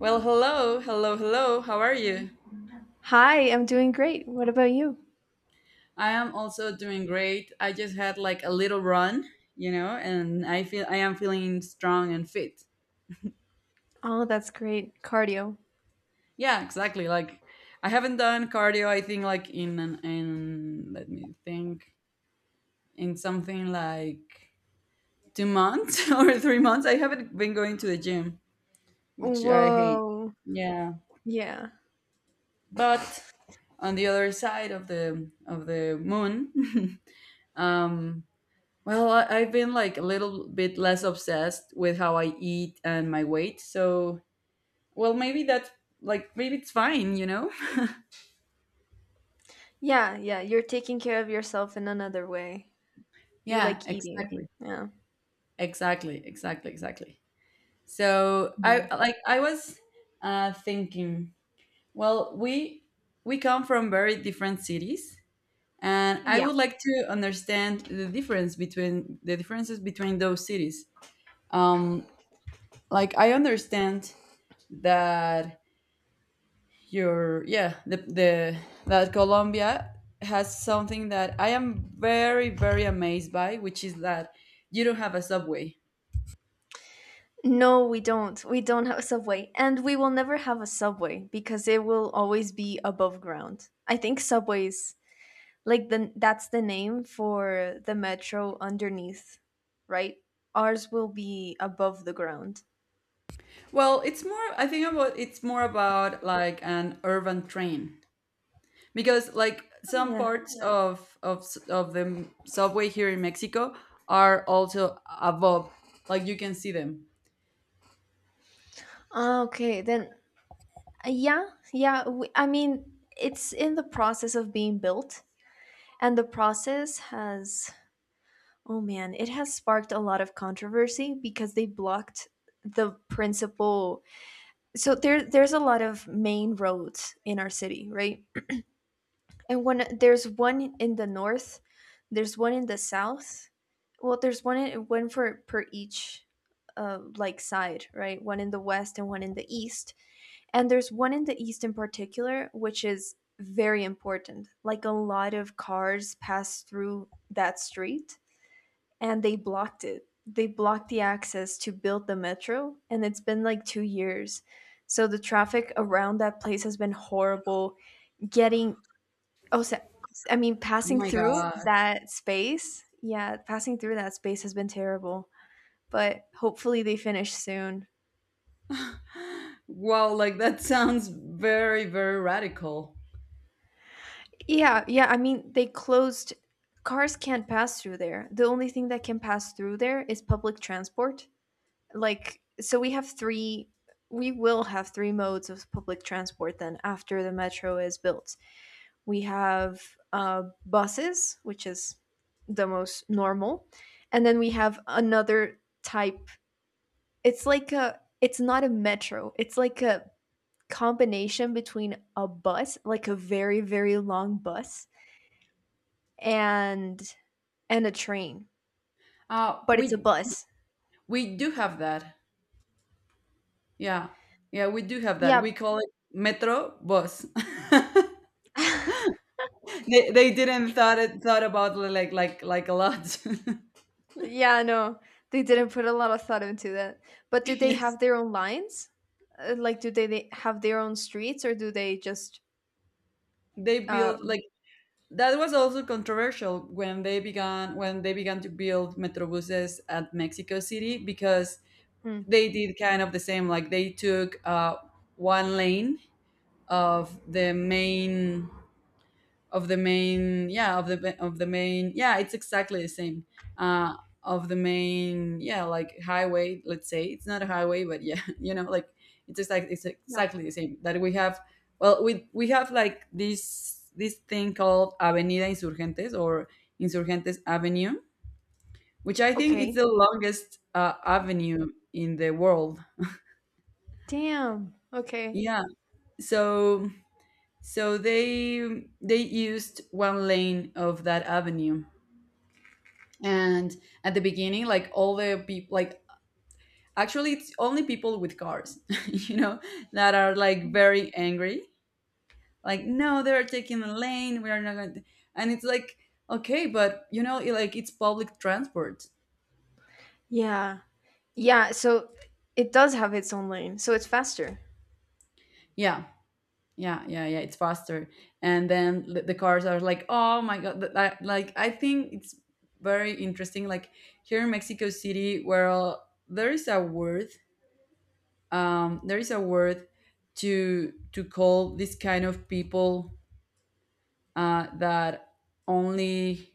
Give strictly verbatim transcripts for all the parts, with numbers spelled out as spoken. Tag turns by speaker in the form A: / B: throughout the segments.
A: Well, hello, hello, hello. How are you?
B: Hi, I'm doing great. What about you?
A: I am also doing great. I just had like a little run, you know, and I feel I am feeling strong and fit.
B: Oh, that's great. Cardio.
A: Yeah, exactly. Like I haven't done cardio. I think like in an, in let me think in something like two months or three months. I haven't been going to the gym, which I hate.
B: Whoa.
A: Yeah,
B: Yeah.
A: but on the other side of the of the moon, um, well, I, I've been like a little bit less obsessed with how I eat and my weight. So, well, maybe that's like, maybe it's fine, you know?
B: Yeah, yeah. You're taking care of yourself in another way. You
A: Yeah,
B: like eating.
A: exactly.
B: Yeah.
A: Exactly. Exactly. Exactly. So, I
B: Yeah.
A: like, I was uh, thinking, well, we, we come from very different cities. And I
B: Yeah.
A: would like to understand the difference between the differences between those cities. Um, like I understand that your yeah the, the that Colombia has something that I am very very amazed by, which is that you don't have a subway.
B: No, we don't. We don't have a subway. And we will never have a subway because it will always be above ground. I think subways, like the that's the name for the metro underneath, right? Ours will be above the ground.
A: Well, it's more, I think about, it's more about like an urban train, because like
B: Oh,
A: some
B: yeah.
A: parts, yeah, of of s- of the m- subway here in Mexico are also above, like you can see them.
B: Ah, okay, then Uh, yeah, yeah. w I I mean, it's in the process of being built, and the process has, oh man, it has sparked a lot of controversy because they blocked the principal. So there, there's a lot of main roads in our city, right? And when there's one in the north, there's one in the south. Well, there's one in, one for per each, uh, like side, right? One in the west and one in the east. And there's one in the east in particular, which is very important. Like a lot of cars pass through that street and they blocked it. They blocked the access to build the metro, and it's been like two years. So the traffic around that place has been horrible. Getting, oh, so, I mean,
A: Oh
B: passing
A: my
B: through
A: God.
B: that space, yeah, passing through that space has been terrible. But hopefully they finish soon.
A: Wow, like that sounds very very radical.
B: Yeah, yeah. I mean, they closed. Cars can't pass through there. The only thing that can pass through there is public transport. Like, so we have three. We will have three modes of public transport then after the metro is built. We have uh, buses, which is the most normal, and then we have another type. It's like a. It's not a metro. It's like a combination between a bus, like a very very long bus, and and a train,
A: uh
B: but it's a
A: we
B: bus.
A: we do have that. Yeah. Yeah, we do have that.
B: Yeah,
A: We call it metro bus. they they didn't thought it thought about li- like like like a lot.
B: yeah, no, they didn't put a lot of thought into that. But do they
A: Yes.
B: have their own lines? Uh, Like, do they they have their own streets, or do they just?
A: They
B: Uh,
A: built like, that was also controversial when they began when they began to build metrobuses at Mexico City, because
B: mm,
A: they did kind of the same. Like they took uh, one lane of the main, of the main yeah of the of the main yeah it's exactly the same. uh of the main yeah like highway, let's say. It's not a highway, but yeah, you know, like it's exactly it's
B: yeah.
A: exactly the same that we have. Well, we we have like this this thing called Avenida Insurgentes, or Insurgentes Avenue, which I think it's
B: Okay.
A: the longest uh, avenue in the world.
B: Damn. Okay.
A: Yeah, so so they they used one lane of that avenue, and at the beginning, like all the people, like actually it's only people with cars, you know, that are like very angry. Like, no, they're taking the lane, we are not going to. And it's like, okay, but you know it, like it's public transport.
B: Yeah. Yeah. So it does have its own lane, so it's faster.
A: Yeah. Yeah yeah yeah it's faster. And then the the cars are like, oh my God, th- that, like I think it's very interesting. Like here in Mexico City, where there is a word, um, there is a word to to call this kind of people, uh, that only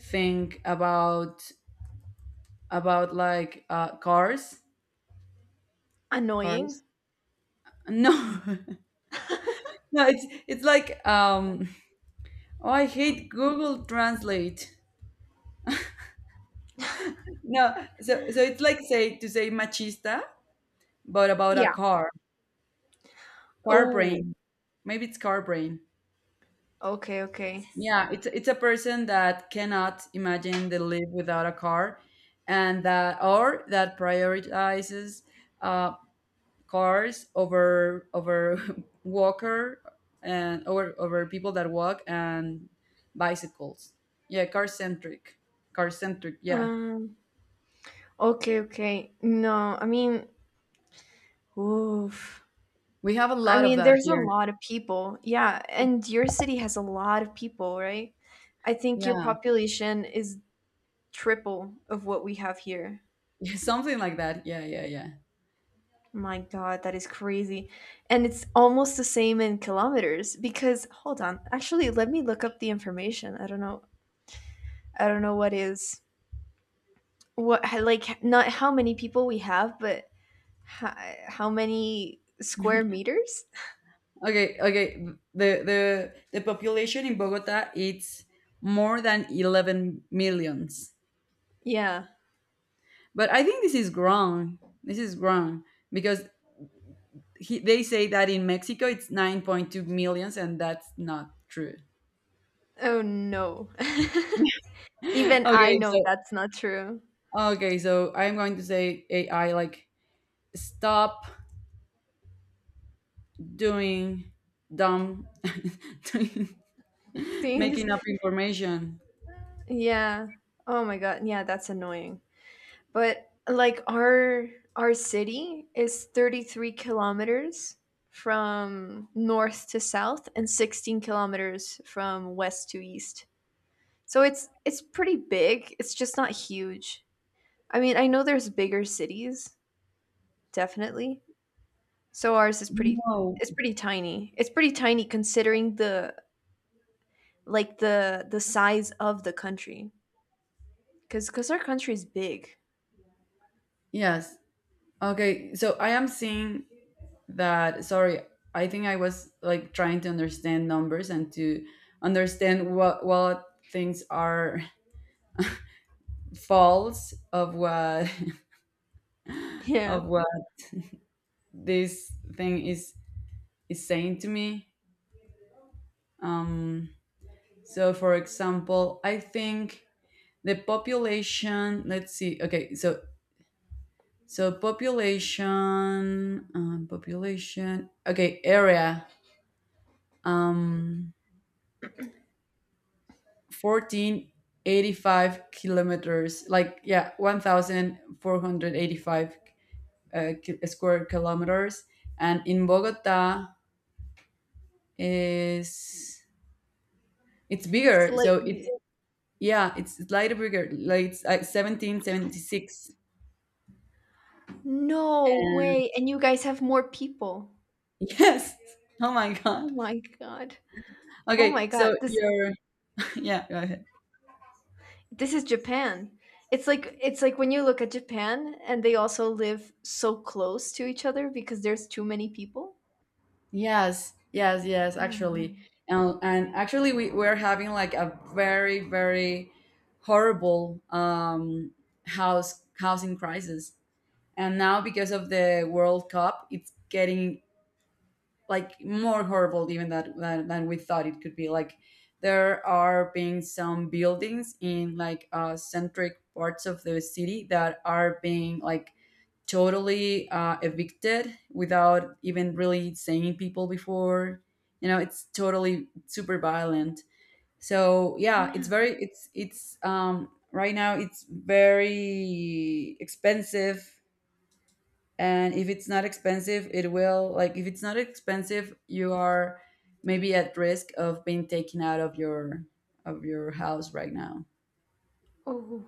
A: think about about like uh, cars.
B: Annoying.
A: Cars, no. No, it's it's like, um oh, I hate Google Translate. No, so so it's like, say, to say machista, but about a
B: Yeah.
A: car. Car
B: Oh.
A: brain. Maybe it's car brain.
B: Okay. Okay.
A: Yeah, it's it's a person that cannot imagine they live without a car, and that, or that prioritizes uh, cars over over walker, and over over people that walk and bicycles. Yeah, car centric, car centric. Yeah,
B: Um. Okay. Okay. No. I mean. Oof.
A: we have a
B: I
A: lot of
B: mean,
A: that
B: there's a
A: here.
B: lot of people. Yeah, and your city has a lot of people, right? I think your
A: Yeah,
B: population is triple of what we have here.
A: something like that. Yeah, yeah, yeah.
B: My God, that is crazy. And it's almost the same in kilometers because hold on. Actually, let me look up the information. I don't know. I don't know what is what, like, not how many people we have, but how, how many square meters?
A: Okay, okay. The the the population in Bogota, it's more than eleven millions.
B: Yeah.
A: But I think this is wrong. This is wrong because he, they say that in Mexico it's nine point two millions, and that's not true.
B: Oh no. Even I
A: Okay,
B: know
A: so
B: that's not true.
A: okay, so I'm going to say A I like stop doing dumb doing-
B: Things.
A: making up information.
B: Yeah. Oh my god. Yeah, that's annoying. But like our our city is thirty-three kilometers from north to south and sixteen kilometers from west to east. So it's it's pretty big. It's just not huge. I mean, I know there's bigger cities, definitely. So ours is pretty
A: No.
B: It's pretty tiny. It's pretty tiny considering the, like, the the size of the country, cuz cuz our country is big.
A: Yes. Okay, so I am seeing that, sorry, I think I was like trying to understand numbers and to understand what what things are false of what
B: Yeah.
A: of what this thing is is saying to me. Um, so, for example, I think the population. Let's see. Okay, so so population, um, population. Okay, area. Um, fourteen eighty five kilometers. Like, yeah, one thousand four hundred eighty five uh, ki- square kilometers. And in Bogota is, it's bigger, so it's,
B: Slightly.
A: yeah, it's slightly bigger. Like it's like seventeen seventy-six,
B: No
A: and
B: way. And you guys have more people.
A: yes, oh my
B: Oh
A: God.
B: my god. Oh my
A: Okay,
B: god.
A: so
B: This
A: you're, yeah, go ahead.
B: this is Japan. It's like it's like when you look at Japan and they also live so close to each other because there's too many people.
A: Yes, yes, yes.
B: Oh,
A: Actually,
B: man.
A: and, and actually, we we're having like a very very horrible um house housing crisis, and now because of the World Cup, it's getting like more horrible even that, that than we thought it could be. Like there are being some buildings in like uh, centric parts of the city that are being like totally uh, evicted without even really saying people before. You know, it's totally super violent. So yeah, it's
B: Yeah.
A: very it's it's um right now it's very expensive, and if it's not expensive it will, like if it's not expensive, you are maybe at risk of being taken out of your of your house right now.
B: Oh.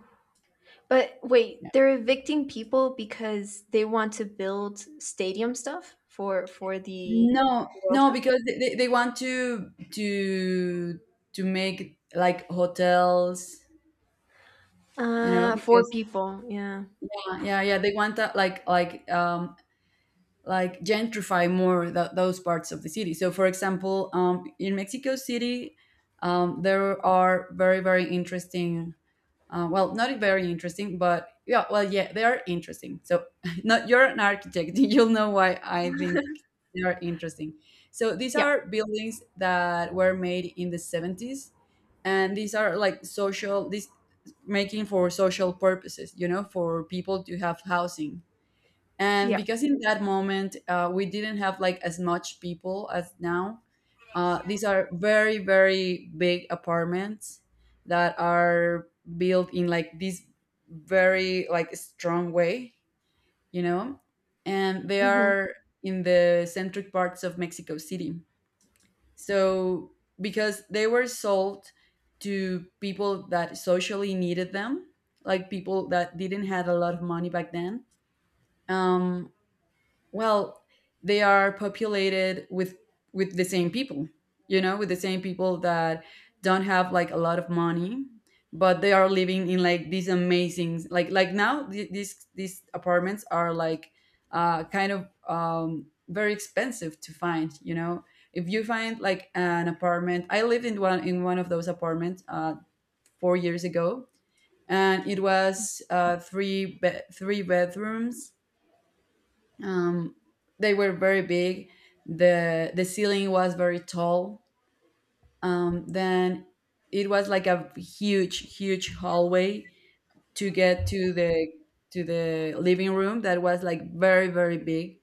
B: But wait,
A: Yeah,
B: they're evicting people because they want to build stadium stuff for for the
A: no
B: World
A: no,
B: Cup?
A: because they, they they want to to to make like hotels, you know,
B: Uh, four
A: because
B: people. Yeah.
A: uh, yeah yeah, they want that like like um like gentrify more th- those parts of the city. So, for example, um in Mexico City, um, there are very very interesting, Uh, well, not very interesting, but yeah, well, yeah, they are interesting. So, not, you're an architect, you'll know why I think they are interesting. So, these
B: Yeah.
A: are buildings that were made in the seventies, and these are like social, this making for social purposes, you know, for people to have housing, and
B: Yeah.
A: because in that moment uh, we didn't have like as much people as now, uh, these are very very big apartments that are built in like this very like strong way, you know, and they
B: Hmm.
A: are in the centric parts of Mexico City, so because they were sold to people that socially needed them, like people that didn't have a lot of money back then, um, well, they are populated with with the same people, you know, with the same people that don't have like a lot of money, but they are living in like these amazing, like like now th- these these apartments are like uh kind of um very expensive to find, you know. If you find like an apartment, I lived in one in one of those apartments uh four years ago, and it was uh three be- three bedrooms, um, they were very big, the the ceiling was very tall, um, then it was like a huge huge hallway to get to the to the living room that was like very very big,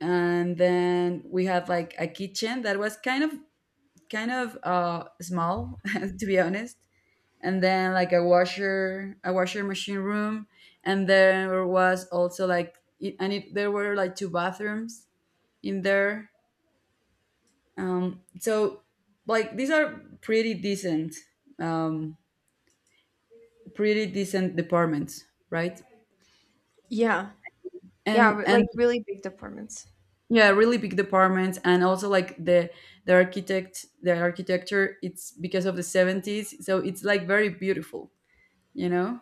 A: and then we have like a kitchen that was kind of kind of uh, small to be honest, and then like a washer, a washer machine room, and there was also like it, and it, there were like two bathrooms in there. Um, so like these are pretty decent, um, pretty decent departments, right?
B: Yeah. Yeah,
A: And
B: r- like
A: and
B: really big departments.
A: yeah, really big departments, and also like the the architect, the architecture. It's because of the seventies, so it's like very beautiful, you know.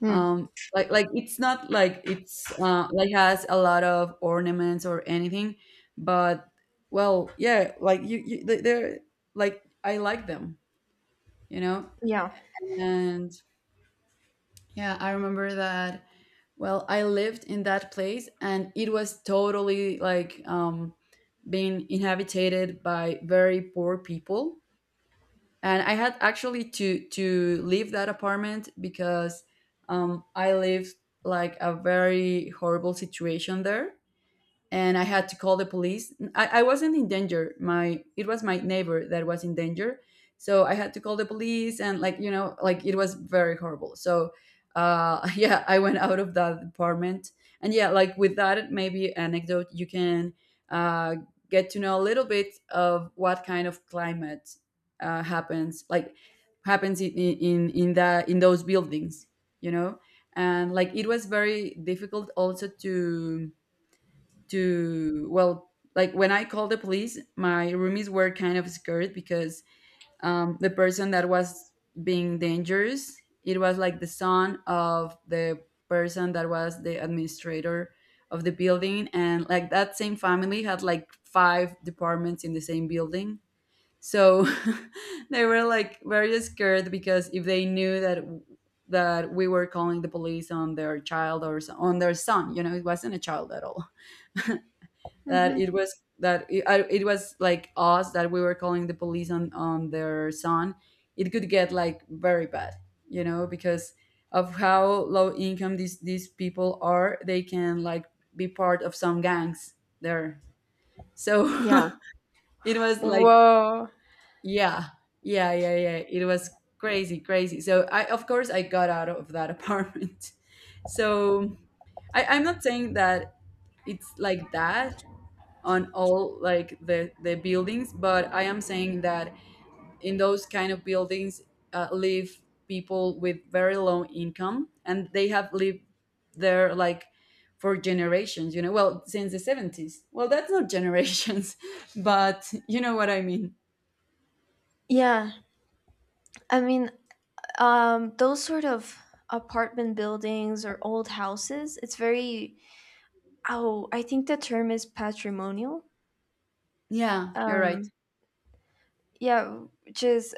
B: Hmm.
A: Um, like like it's not like it's uh, like has a lot of ornaments or anything, but well, yeah, like you, you they- they're like, I like them, you know.
B: Yeah.
A: And yeah, I remember that. Well, I lived in that place, and it was totally like, um, being inhabited by very poor people. And I had actually to, to leave that apartment because um, I lived like a very horrible situation there, and I had to call the police. I, I wasn't in danger. My it was my neighbor that was in danger, so I had to call the police, and like you know, like it was very horrible. So, uh, yeah, I went out of that apartment, and yeah, like with that maybe anecdote, you can uh, get to know a little bit of what kind of climate uh, happens, like happens in in in that in those buildings, you know. And like it was very difficult also to to well like when I called the police, my roomies were kind of scared because um, the person that was being dangerous, it was like the son of the person that was the administrator of the building, and like that same family had like five departments in the same building. So they were like very scared because if they knew that that we were calling the police on their child or s- on their son, you know, it wasn't a child at all. That it
B: Hmm.
A: was, that it, I, it was like us that we were calling the police on on their son, it could get like very bad, you know, because of how low income these these people are. They can like be part of some gangs there. So
B: Yeah.
A: it was like,
B: Whoa.
A: yeah. Yeah yeah yeah it was crazy, crazy. So I, of course, I got out of that apartment. So I, I'm not saying that it's like that on all like the the buildings, but I am saying that in those kind of buildings, uh, live people with very low income, and they have lived there like for generations, you know. Well, since the seventies. Well, that's not generations, but you know what I mean.
B: Yeah. I mean, um, those sort of apartment buildings or old houses, it's very, oh, I think the term is patrimonial.
A: Yeah, you're right.
B: Um, yeah, which is,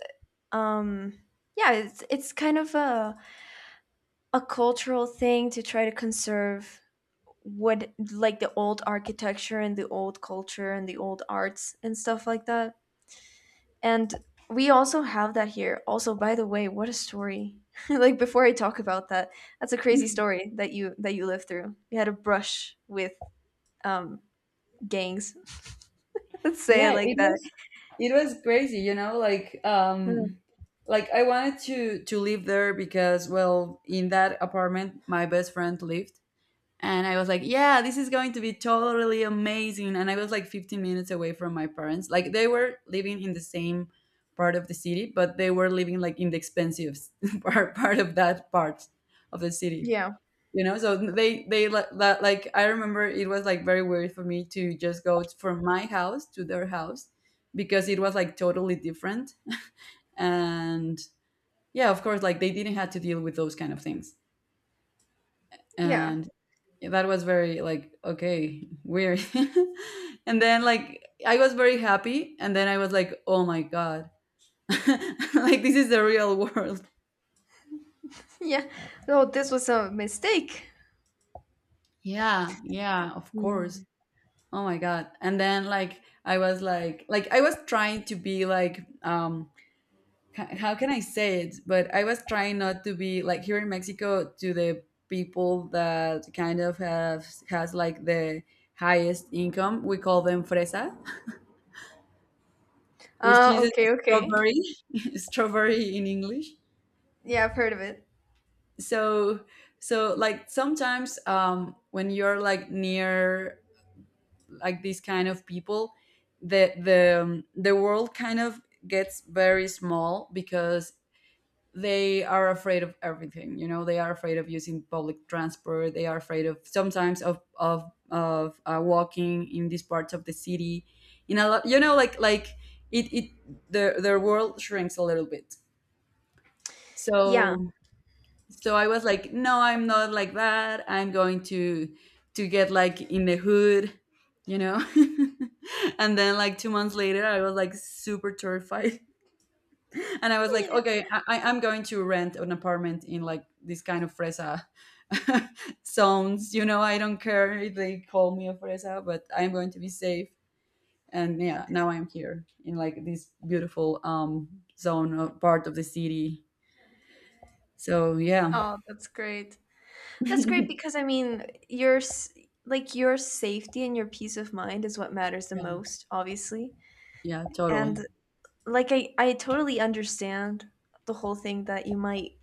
B: um, yeah, it's, it's kind of a, a cultural thing to try to conserve what, like the old architecture and the old culture and the old arts and stuff like that. And we also have that here. Also, by the way, what a story. Like before I talk about that, that's a crazy story that you that you lived through. You had a brush with um gangs. Let's say
A: Yeah,
B: it like
A: it
B: that.
A: was, it was crazy, you know, like
B: Mm.
A: um like I wanted to to live there because, well, in that apartment my best friend lived. And I was like, yeah, this is going to be totally amazing. And I was like fifteen minutes away from my parents. Like they were living in the same part of the city, but they were living like in the expensive part, part of that part of the city.
B: Yeah.
A: You know, so they they li- that, like I remember it was like very weird for me to just go t- from my house to their house because it was like totally different. And yeah, of course, like they didn't have to deal with those kind of things.
B: Yeah.
A: And that was very like, okay, weird. And then like I was very happy, and then I was like, oh my god, like this is the real world.
B: Yeah. No, this was a mistake.
A: Yeah, yeah, of course.
B: Yeah.
A: Oh my god. And then like I was like, like i was trying to be like, um h- how can I say it, but I was trying not to be like, here in Mexico, to the people that kind of have has like the highest income, we call them fresas, which
B: Uh
A: is
B: okay, okay.
A: strawberry, strawberry in English.
B: Yeah, I've heard of it.
A: So so like sometimes, um when you're like near like these kind of people, the the um, the world kind of gets very small because they are afraid of everything. You know, they are afraid of using public transport, they are afraid of sometimes of of of uh, walking in these parts of the city in a lot, you know, like like it it, the their world shrinks a little bit.
B: Yeah.
A: So so I was like, no, I'm not like that. I'm going to to get like in the hood, you know. And then like two months later, I was like super terrified. And I was like,
B: Yeah.
A: okay, I, I- I'm going to rent an apartment in like this kind of fresa zones, you know. I don't care if they call me a fresa, but I'm going to be safe. And yeah, now I'm here in like this beautiful um zone of part of the city. So yeah.
B: Oh, that's great. That's great because I mean, your s- like your safety and your peace of mind is what matters the most, obviously.
A: Yeah,
B: And
A: totally.
B: like I, I totally understand the whole thing that you might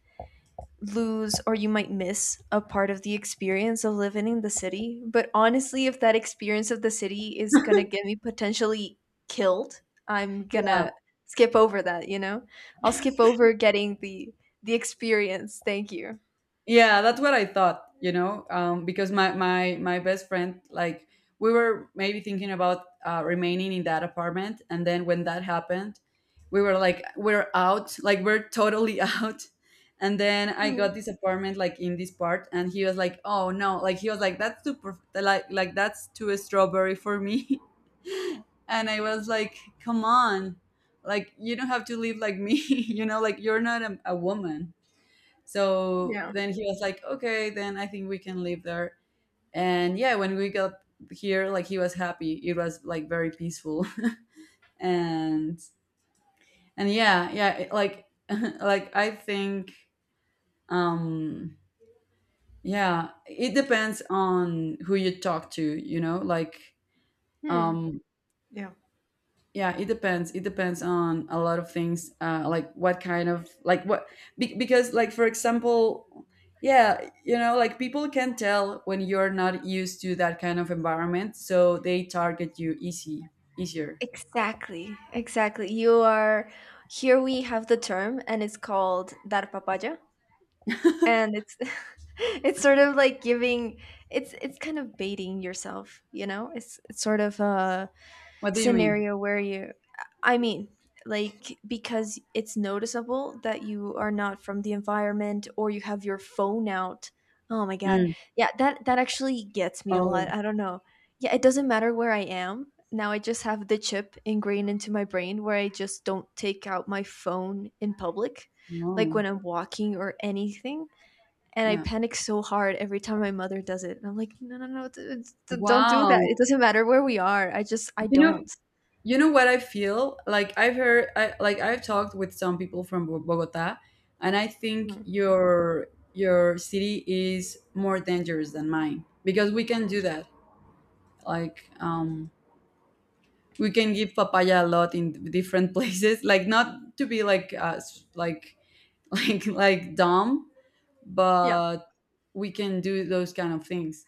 B: lose or you might miss a part of the experience of living in the city. But honestly, if that experience of the city is gonna get me potentially killed, I'm
A: Yeah,
B: gonna skip over that, you know? I'll skip over getting the the experience. Thank you.
A: yeah, that's what I thought, you know, um, because my my my best friend, like, we were maybe thinking about uh, remaining in that apartment, and then when that happened, we were like, we're out, like we're totally out. And then I
B: Mhm.
A: got this apartment like in this part, and he was like, "Oh no!" Like he was like, "That's too perf- like like that's too strawberry for me," and I was like, "Come on, like you don't have to live like me, you know, like you're not a, a woman." So
B: Yeah.
A: then he was like, okay, then I think we can live there. And yeah, when we got here, like he was happy. It was like very peaceful. And and yeah, yeah, it- like like I think um yeah, it depends on who you talk to, you know, like
B: Hmm.
A: um
B: Yeah.
A: yeah, it depends, it depends on a lot of things, uh like what kind of, like what be- because like for example, yeah, you know, like people can tell when you're not used to that kind of environment, so they target you easy, easier.
B: Exactly, exactly. You are here. We have the term, and it's called dar papaya, and it's it's sort of like giving, it's it's kind of baiting yourself, you know, it's it's sort of a
A: What do you mean?
B: scenario where you, I mean, like, because it's noticeable that you are not from the environment or you have your phone out. Oh my god.
A: Mm.
B: Yeah, that that actually gets me a lot.
A: Oh
B: I don't know, yeah, it doesn't matter where I am now. I just have the chip ingrained into my brain, where I just don't take out my phone in public, like
A: no.
B: when I'm walking or anything. And I
A: Yeah.
B: panic so hard every time my mother does it. And I'm like, no, no, no, d- d- don't do that. It
A: Wow.
B: doesn't matter where we are. I just, I
A: You know,
B: don't.
A: you know what, I feel like I've heard, I, like I've talked with some people from Bo- Bogota, and I think
B: Mm.
A: your your city is more dangerous than mine because we can do that. Like um we can give papaya a lot in different places, like not to be like us, like like like dumb,
B: Yeah.
A: but we can do those kind of things.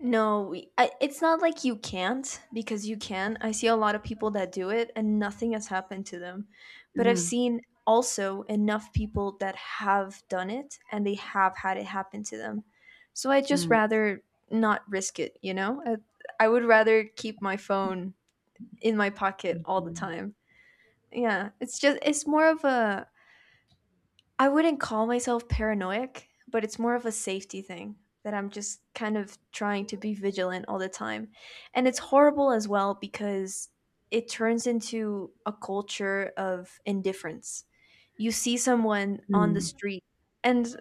B: No, we, I, it's not like you can't because you can. I see a lot of people that do it and nothing has happened to them. But I've
A: Hmm.
B: seen also enough people that have done it and they have had it happen to them. So I just
A: Mm.
B: rather not risk it, you know? I, I would rather keep my phone in my pocket all the
A: Yeah.
B: time. Yeah, it's just, it's more of a, I wouldn't call myself paranoid, but it's more of a safety thing that I'm just kind of trying to be vigilant all the time. And it's horrible as well because it turns into a culture of indifference. You see someone on the
A: Mm.
B: street and,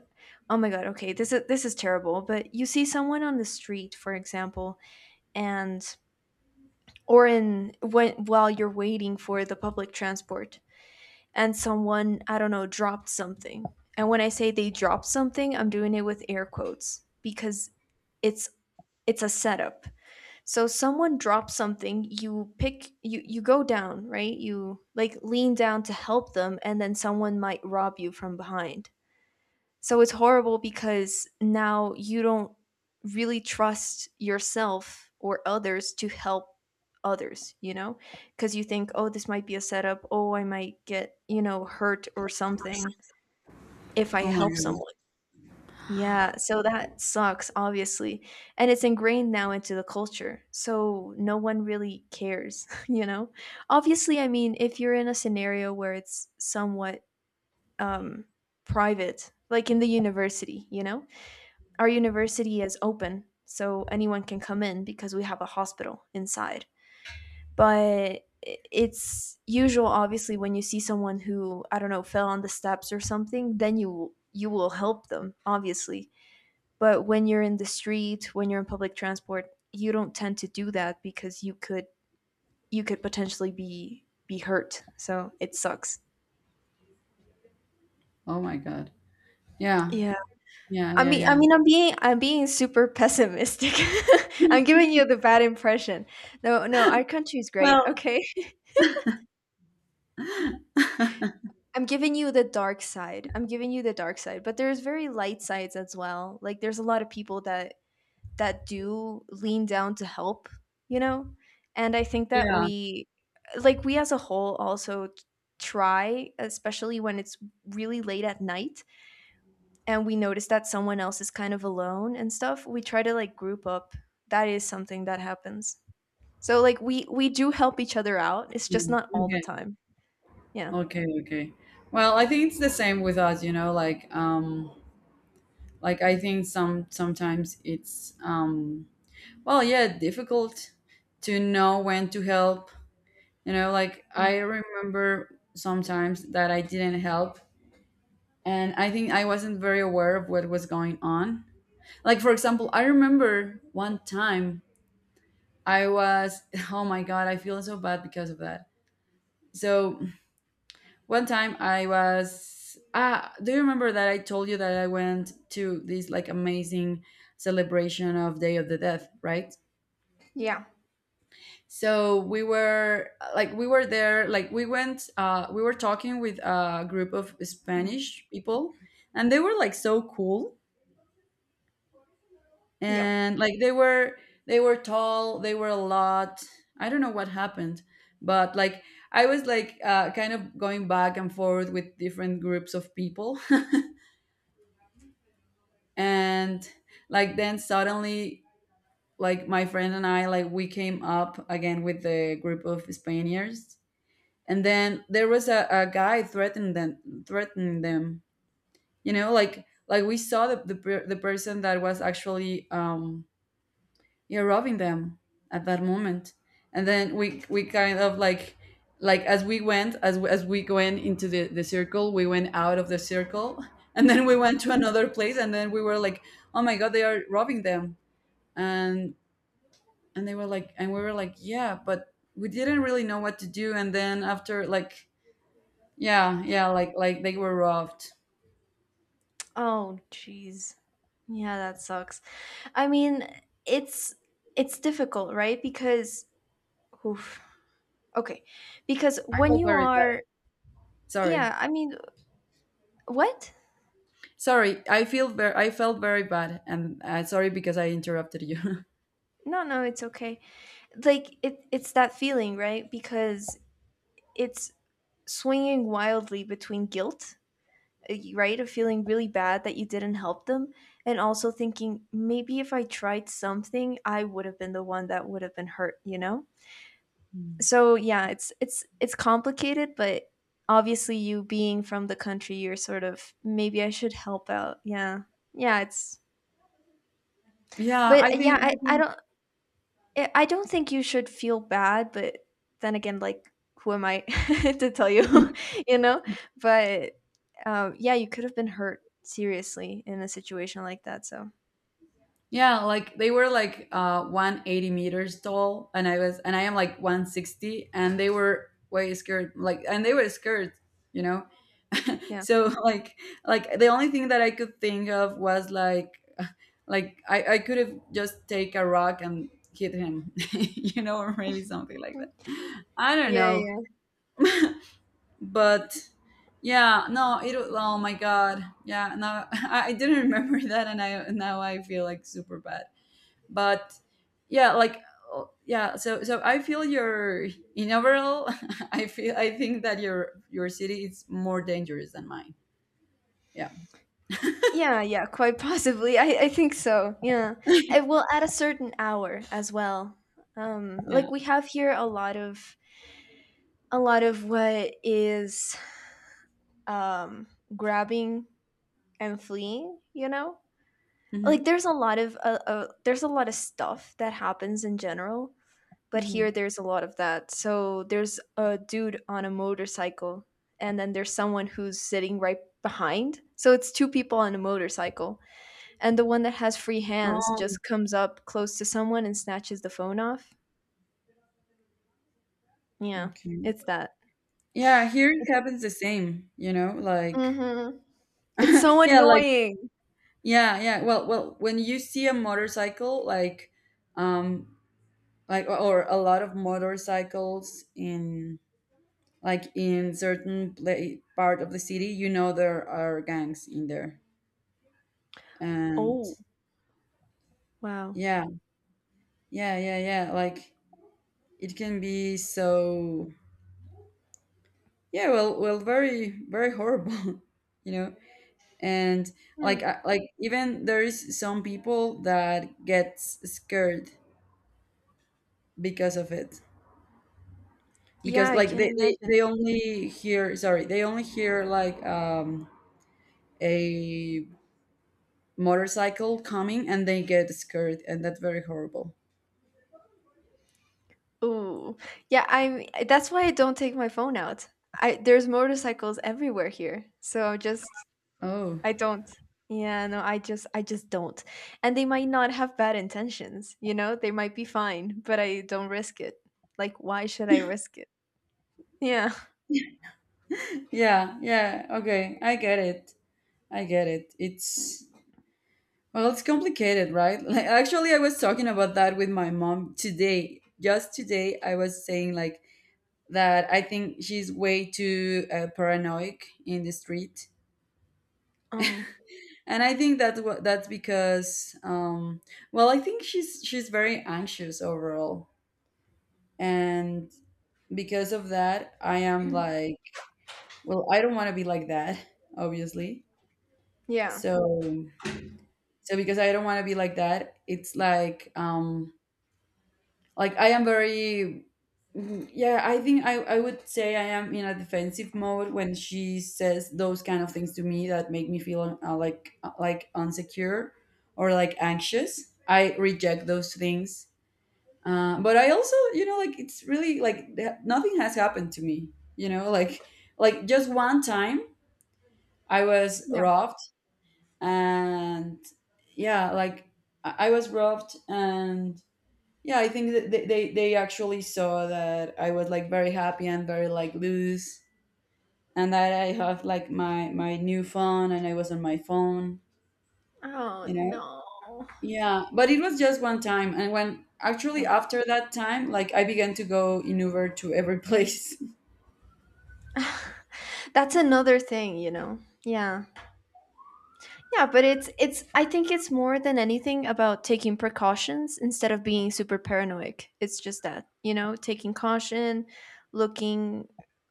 B: oh my god, okay, this is this is terrible, but you see someone on the street, for example, and or in when while you're waiting for the public transport and someone, I don't know, dropped something. And when I say they dropped something, I'm doing it with air quotes because it's it's a setup. So someone drops something, you pick you you go down, right? You like lean down to help them and then someone might rob you from behind. So it's horrible because now you don't really trust yourself or others to help others, you know? Because you think, oh, this might be a setup. Oh, I might get, you know, hurt or something if I
A: Oh my
B: help
A: god.
B: someone. Yeah, so that sucks, obviously. And it's ingrained now into the culture. So no one really cares, you know? Obviously, I mean, if you're in a scenario where it's somewhat um, private, like in the university, you know? Our university is open, so anyone can come in because we have a hospital inside. But it's usual, obviously, when you see someone who I don't know fell on the steps or something, then you you will help them, obviously. But when you're in the street, when you're in public transport, you don't tend to do that because you could you could potentially be be hurt. So it sucks.
A: Oh my god. Yeah,
B: Yeah.
A: yeah,
B: I
A: yeah,
B: mean, I
A: yeah.
B: mean, I'm being, I'm being super pessimistic. I'm giving you the bad impression. No, no, our country is great.
A: Well,
B: Okay, I'm giving you the dark side. I'm giving you the dark side, but there's very light sides as well. Like there's a lot of people that that do lean down to help, you know, and I think that
A: yeah.
B: we, like we as a whole, also t- try, especially when it's really late at night and we notice that someone else is kind of alone and stuff, we try to like group up. That is something that happens. So like we we do help each other out. It's just
A: Mm,
B: not all the
A: okay.
B: time. Yeah.
A: Okay. Okay. Well, I think it's the same with us, you know, like um like I think some, sometimes it's um well, yeah, difficult to know when to help. You know, like I remember sometimes that I didn't help and I think I wasn't very aware of what was going on. Like for example, I remember one time I was oh my god, I feel so bad because of that. So one time I was, ah, do you remember that I told you that I went to this like amazing celebration of Day of the Death, right?
B: Yeah.
A: So we were like, we were there, like we went, uh we were talking with a group of Spanish people and they were like so cool,
B: Yeah.
A: and like they were, they were tall, they were a lot. I don't know what happened, but like I was like, uh, kind of going back and forth with different groups of people. And like then suddenly, like my friend and I, like we came up again with the group of Spaniards, and then there was a, a guy threatening them, threatening them You know, like like we saw the, the, per- the person that was actually um yeah, robbing them at that moment. And then we we kind of like like as we went as we, as we went into the the circle, we went out of the circle. And then we went to another place, and then we were like, oh my god, they are robbing them. and and they were like and we were like, yeah, but we didn't really know what to do. And then after like, yeah, yeah, like like they were robbed.
B: Oh jeez. Yeah, that sucks. I mean, it's it's difficult, right? Because oof. Okay. Because
A: I
B: when
A: felt
B: you
A: very bad.
B: are,
A: Sorry.
B: yeah, I mean, what?
A: Sorry, I feel very, I felt very bad. And uh, sorry because I interrupted you.
B: No, no, it's okay. Like it it's that feeling, right? Because it's swinging wildly between guilt uh, right, of feeling really bad that you didn't help them, and also thinking maybe if I tried something I would have been the one that would have been hurt you know
A: Mm.
B: So yeah, it's it's it's complicated. But obviously you being from the country, you're sort of maybe I should help out. Yeah, yeah, it's
A: Yeah,
B: but
A: I
B: uh,
A: think,
B: yeah I
A: I
B: I
A: think
B: don't I I don't think you should feel bad, but then again, like, who am I to tell you, you know? But um, yeah, you could have been hurt seriously in a situation like that. So
A: yeah, like they were like, uh one hundred eighty meters tall, and I was, and I am like one hundred sixty, and they were way scared, like, and they were scared, you know.
B: yeah.
A: So like like the only thing that I could think of was like, like i, I could have just take a rock and hit him, you know, or maybe something like
B: Mm.
A: that. I don't
B: Yeah,
A: know.
B: yeah,
A: But yeah, no, it wa- oh my god, yeah, now i, I didn't remember that, and I now I feel like super bad. But yeah, like oh, yeah, so so I feel your, in overall, I feel, I think that your your city is more dangerous than mine. Yeah.
B: yeah, yeah. Quite possibly, I, I think so. Yeah, and well, at a certain hour as well. Um,
A: Yeah.
B: like we have here a lot of, a lot of what is, um grabbing and fleeing. You know, like,
A: Hmm.
B: there's a lot of uh, uh, there's a lot of stuff that happens in general, but here
A: Mhm.
B: there's a lot of that. So there's a dude on a motorcycle, and then there's someone who's sitting right behind. So it's two people on a motorcycle, and the one that has free hands
A: Um,
B: just comes up close to someone and snatches the phone off. Yeah,
A: okay.
B: it's that.
A: Yeah, here it happens the same, you know, like
B: Mhm. It's so
A: yeah, like
B: annoying.
A: yeah, yeah. Well, well, when you see a motorcycle, like um like or or a lot of motorcycles in like in certain pla part of the city, you know there are gangs in there. And
B: Oh, wow.
A: yeah, yeah, yeah, yeah, like it can be so, yeah, well, well, very very horrible, you know. And
B: Hmm.
A: like I- like even there is some people that gets scared because of it,
B: Yeah,
A: because
B: I
A: like
B: can
A: they, they,
B: imagine.
A: they only hear, sorry, they only hear like um a motorcycle coming, and they get scared, and that's very horrible.
B: Ooh. Yeah, I'm, that's why I don't take my phone out. I, there's motorcycles everywhere here. So just
A: Oh.
B: I don't. Yeah, no, I just, I just don't. And they might not have bad intentions, you know? They might be fine, but I don't risk it. Like why should I risk it? Yeah.
A: Yeah, yeah, okay, I get it. I get it. It's, well, it's complicated, right? Like actually I was talking about that with my mom today, just today, I was saying like that I think she's way too uh, paranoid in the street.
B: Oh.
A: And I think that's what, that's because um, well, I think she's she's very anxious overall, and because of that, I am like, well, I don't want to be like that, obviously.
B: Yeah.
A: So so because I don't want to be like that, it's like um, like I am very, yeah, I think, i, I would say I am in a defensive mode. When she says those kind of things to me that make me feel, uh, like uh, like insecure or like anxious, I reject those things. Uh, but I also, you know, like it's really like, th- nothing has happened to me, you know, like like just one time I was
B: Yeah.
A: robbed. And yeah, like i I was robbed, and yeah, I think that they, they, they actually saw that I was like very happy and very like loose, and that I have like my my new phone, and I was on my phone,
B: Oh
A: you know?
B: no.
A: Yeah, but it was just one time, and when, actually,
B: So,
A: after that time like I began to go in Uber to every place.
B: that's another thing, you know. Yeah. Yeah, but it's it's I think it's more than anything about taking precautions instead of being super paranoid. It's just that, you know, taking caution, looking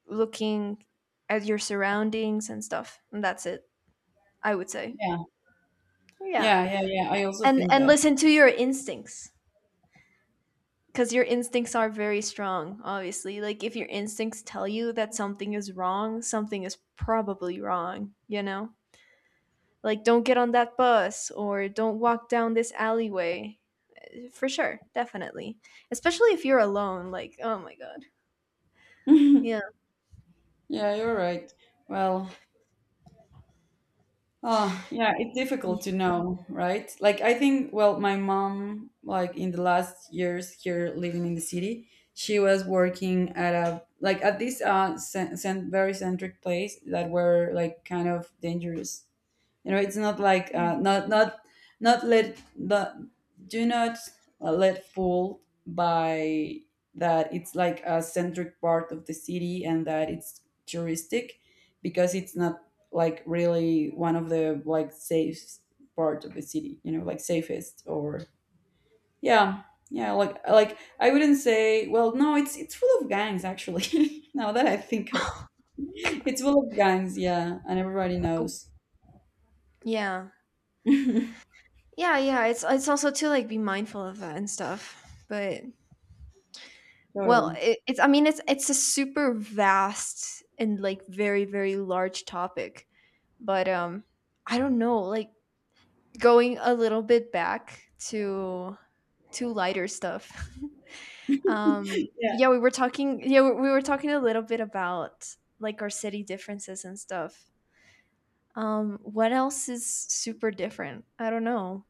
B: looking at your surroundings and stuff. And that's it, I would say.
A: Yeah.
B: Yeah.
A: Yeah, yeah, yeah. I also
B: And
A: think
B: and
A: that.
B: listen to your instincts because your instincts are very strong, obviously. Like if your instincts tell you that something is wrong, something is probably wrong, you know? Like don't get on that bus or don't walk down this alleyway. For sure, definitely. Especially if you're alone, like, oh my god. Yeah.
A: Yeah, you're right. Well, oh, yeah, it's difficult
B: Ye-
A: to know, right? Like, I think, well, my mom, like in the last years here living in the city, she was working at a, like at this uh, cen- cen- very centric place that were like kind of dangerous. You know, it's not like, uh, not not not let, but do not, uh, let fooled by that, it's like a centric part of the city and that it's touristic, because it's not like really one of the like safe part of the city, you know, like safest, or yeah. Yeah, like like I wouldn't say, well, no, it's it's full of gangs actually. Now that I think of, it's full of gangs, yeah, and everybody
B: Oh,
A: knows.
B: yeah. Yeah, yeah. It's it's also to like be mindful of that and stuff. But well,
A: Totally.
B: it, it's, I mean, it's it's a super vast and like very very large topic. But um I don't know, like going a little bit back to to lighter stuff. Um
A: Yeah.
B: yeah, we were talking, yeah, we we were talking a little bit about like our city differences and stuff. Um, what else is super different? I don't know.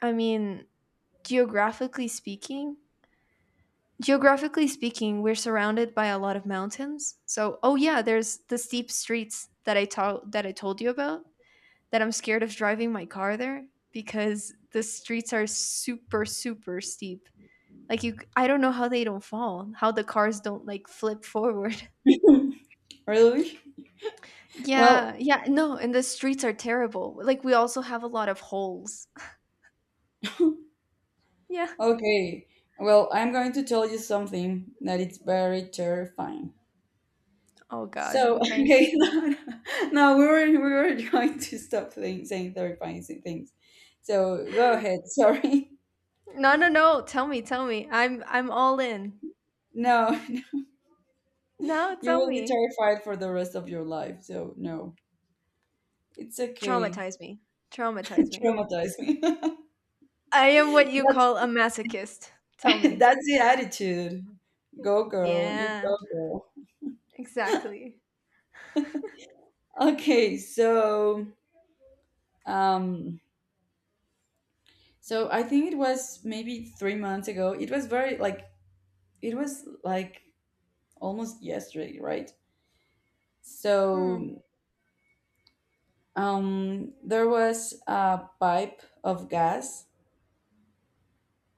B: I mean, geographically speaking, geographically speaking, we're surrounded by a lot of mountains. So, oh yeah, there's the steep streets that I told that I told you about. That I'm scared of driving my car there because the streets are super super steep. Like you, I don't know how they don't fall, how the cars don't like flip forward.
A: Really? Well,
B: Yeah, yeah, no, and the streets are terrible. Like we also have a lot of holes. Yeah.
A: okay. Well, I'm going to tell you something that it's very terrifying.
B: Oh God.
A: So,
B: Okay.
A: okay, no, no, we were we were going to stop saying, saying terrifying things. So go ahead. Sorry.
B: No, no, no. Tell me, tell me. I'm I'm all in.
A: No,
B: No,
A: you
B: tell
A: will be
B: me.
A: terrified for the rest of your life. So no, it's okay.
B: Traumatize me. Traumatize me.
A: Traumatize me.
B: I am what you
A: That's
B: call a masochist. Tell me.
A: that's the attitude. Go girl, you
B: Yeah,
A: go girl.
B: exactly.
A: Okay, so um so I think it was maybe three months ago. It was very like, it was like almost yesterday, right?
B: Hmm.
A: So um, there was a pipe of gas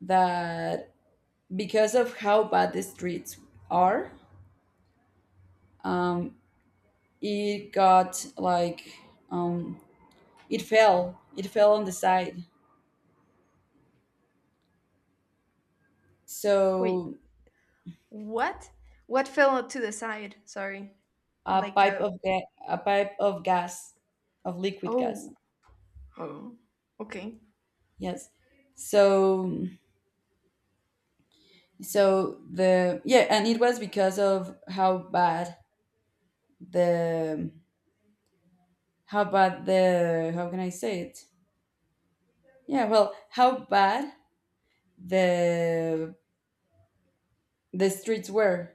A: that, because of how bad the streets are, um, it got like, um, it fell. It fell on the side.
B: Wait.
A: So
B: What? What fell to the side? Sorry.
A: a
B: Like
A: pipe
B: a,
A: of ga- a pipe of gas, of liquid gas.
B: oh. Oh. Okay.
A: Yes. So. So the, yeah, and it was because of how bad the, how bad the, how can I say it, yeah, well, how bad the the streets were.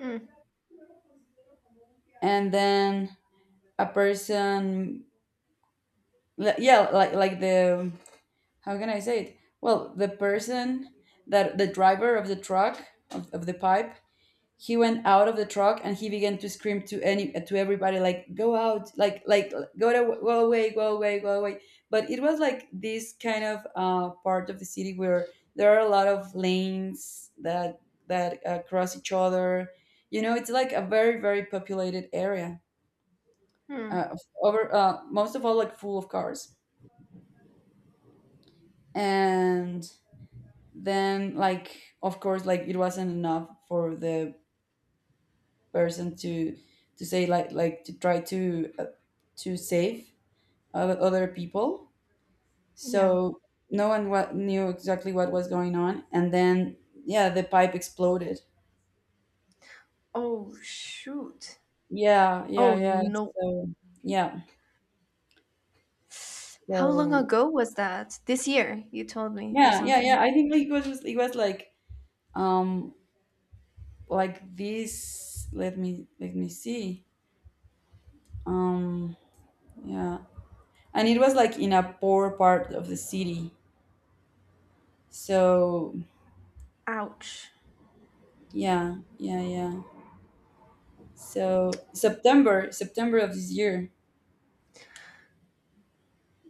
B: Mm,
A: And then a person, li- yeah, like like the, how can I say it, well, the person that, the driver of the truck, of, of the pipe, he went out of the truck and he began to scream to any, to everybody, like, go out, like like go to, go away, go away, go away. But it was like this kind of uh, part of the city where there are a lot of lanes that that uh, cross each other. You know, it's like a very very populated area,
B: hmm.
A: uh, over, uh, most of all, like, full of cars. And then, like, of course, like it wasn't enough for the person to to say, like like to try to, uh, to save o- other people.
B: Yeah.
A: So no one what knew exactly what was going on. And then, yeah, the pipe exploded.
B: Oh shoot.
A: Yeah,
B: Oh
A: yeah, yeah.
B: no.
A: So yeah.
B: How long
A: So
B: ago was that? This year, you told me, or
A: yeah, yeah, yeah,
B: something.
A: I think, like, it was, it was like, um like this, let me let me see, um yeah, and it was like in a poor part of the city. So
B: Ouch.
A: yeah, yeah, yeah. So September, September of this year.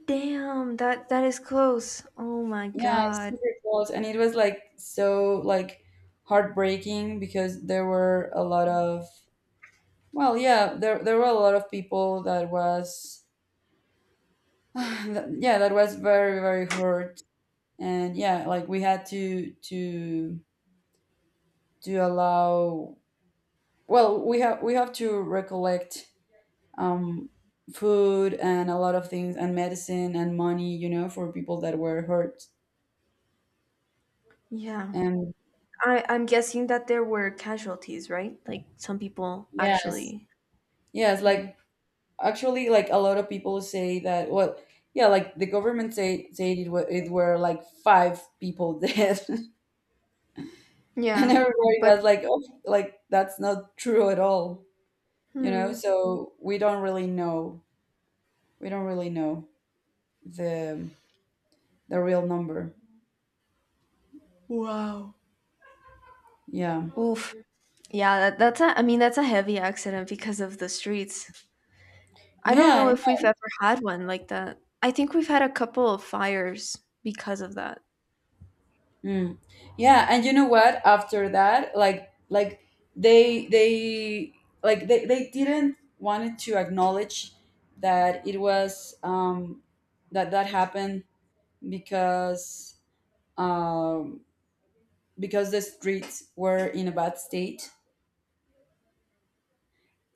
B: Damn, that that is close. Oh my
A: Yeah, it's
B: god.
A: super close. And it was like so like heartbreaking because there were a lot of, well, yeah, there there were a lot of people that was that- yeah, that was very, very hurt. And yeah, like we had to to to allow, well, we have, we have to recollect, um food and a lot of things and medicine and money, you know, for people that were hurt.
B: Yeah.
A: And
B: I, I'm guessing that there were casualties, right? Like some people
A: yes.
B: actually.
A: Yes, like, actually, like a lot of people say that, well, yeah, like the government say said it were, it were like five people dead. And
B: Yeah.
A: everybody
B: But
A: was like, "Oh, like that's not true at all." You know,
B: hmm.
A: so we don't really know. We don't really know the the real number. Yeah.
B: Oof. Yeah, that, that's a, I mean that's a heavy accident because of the streets. I don't know
A: Yeah.
B: if we've ever had one like that. I think we've had a couple of fires because of that.
A: Mm. Yeah, and you know what? After that, like like they they like they, they didn't wanted to acknowledge that it was um that that happened, because, um because the streets were in a bad state.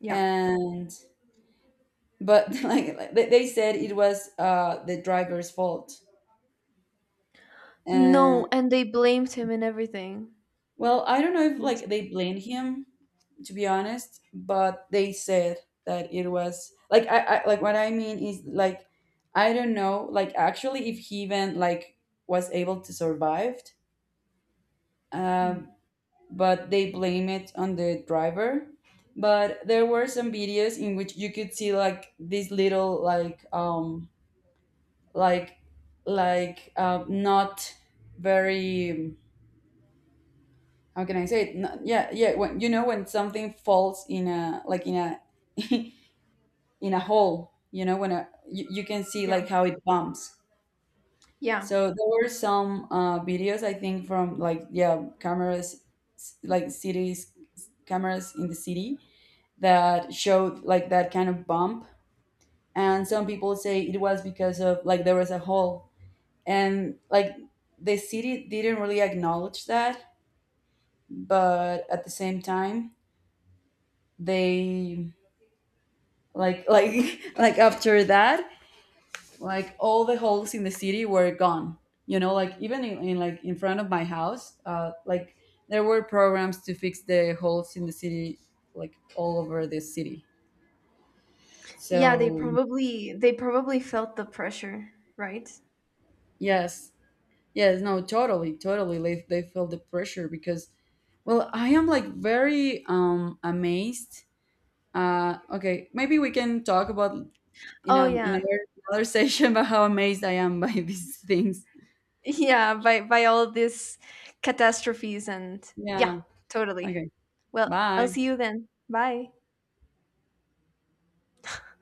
B: Yeah.
A: And but like like, they, they said it was uh the driver's fault.
B: No,
A: And
B: and they blamed him and everything.
A: well, I don't know
B: It
A: if
B: was-
A: like they blame him, to be honest, but they said that it was like, I, I like what I mean is like, I don't know like actually if he even like was able to survive,
B: Hmm.
A: um, but they blame it on the driver. But there were some videos in which you could see like this little like um like like uh, not very, how can I say it? No, yeah, yeah. When you know when something falls in a, like in a in a hole, you know when a, you, you can see like how it bumps.
B: Yeah.
A: So there were some uh, videos, I think, from like yeah cameras, s- like cities cameras in the city, that showed like that kind of bump, and some people say it was because of like there was a hole, and like the city didn't really acknowledge that, but at the same time they, like like like after that, like all the holes in the city were gone. You know, like even in, in like in front of my house, uh like there were programs to fix the holes in the city, like all over the city.
B: Yeah, they
A: So
B: probably they probably felt the pressure, right?
A: yes. Yes, no, totally, totally, they, they feel the pressure because, well, I am like very um amazed. Uh okay, maybe we can talk about, you
B: Oh
A: know, in
B: yeah.
A: another, another session about how amazed I am by these things.
B: Yeah, by by all these catastrophes and yeah,
A: Yeah.
B: totally.
A: Okay.
B: Well, I'll
A: Bye.
B: see you then. Bye.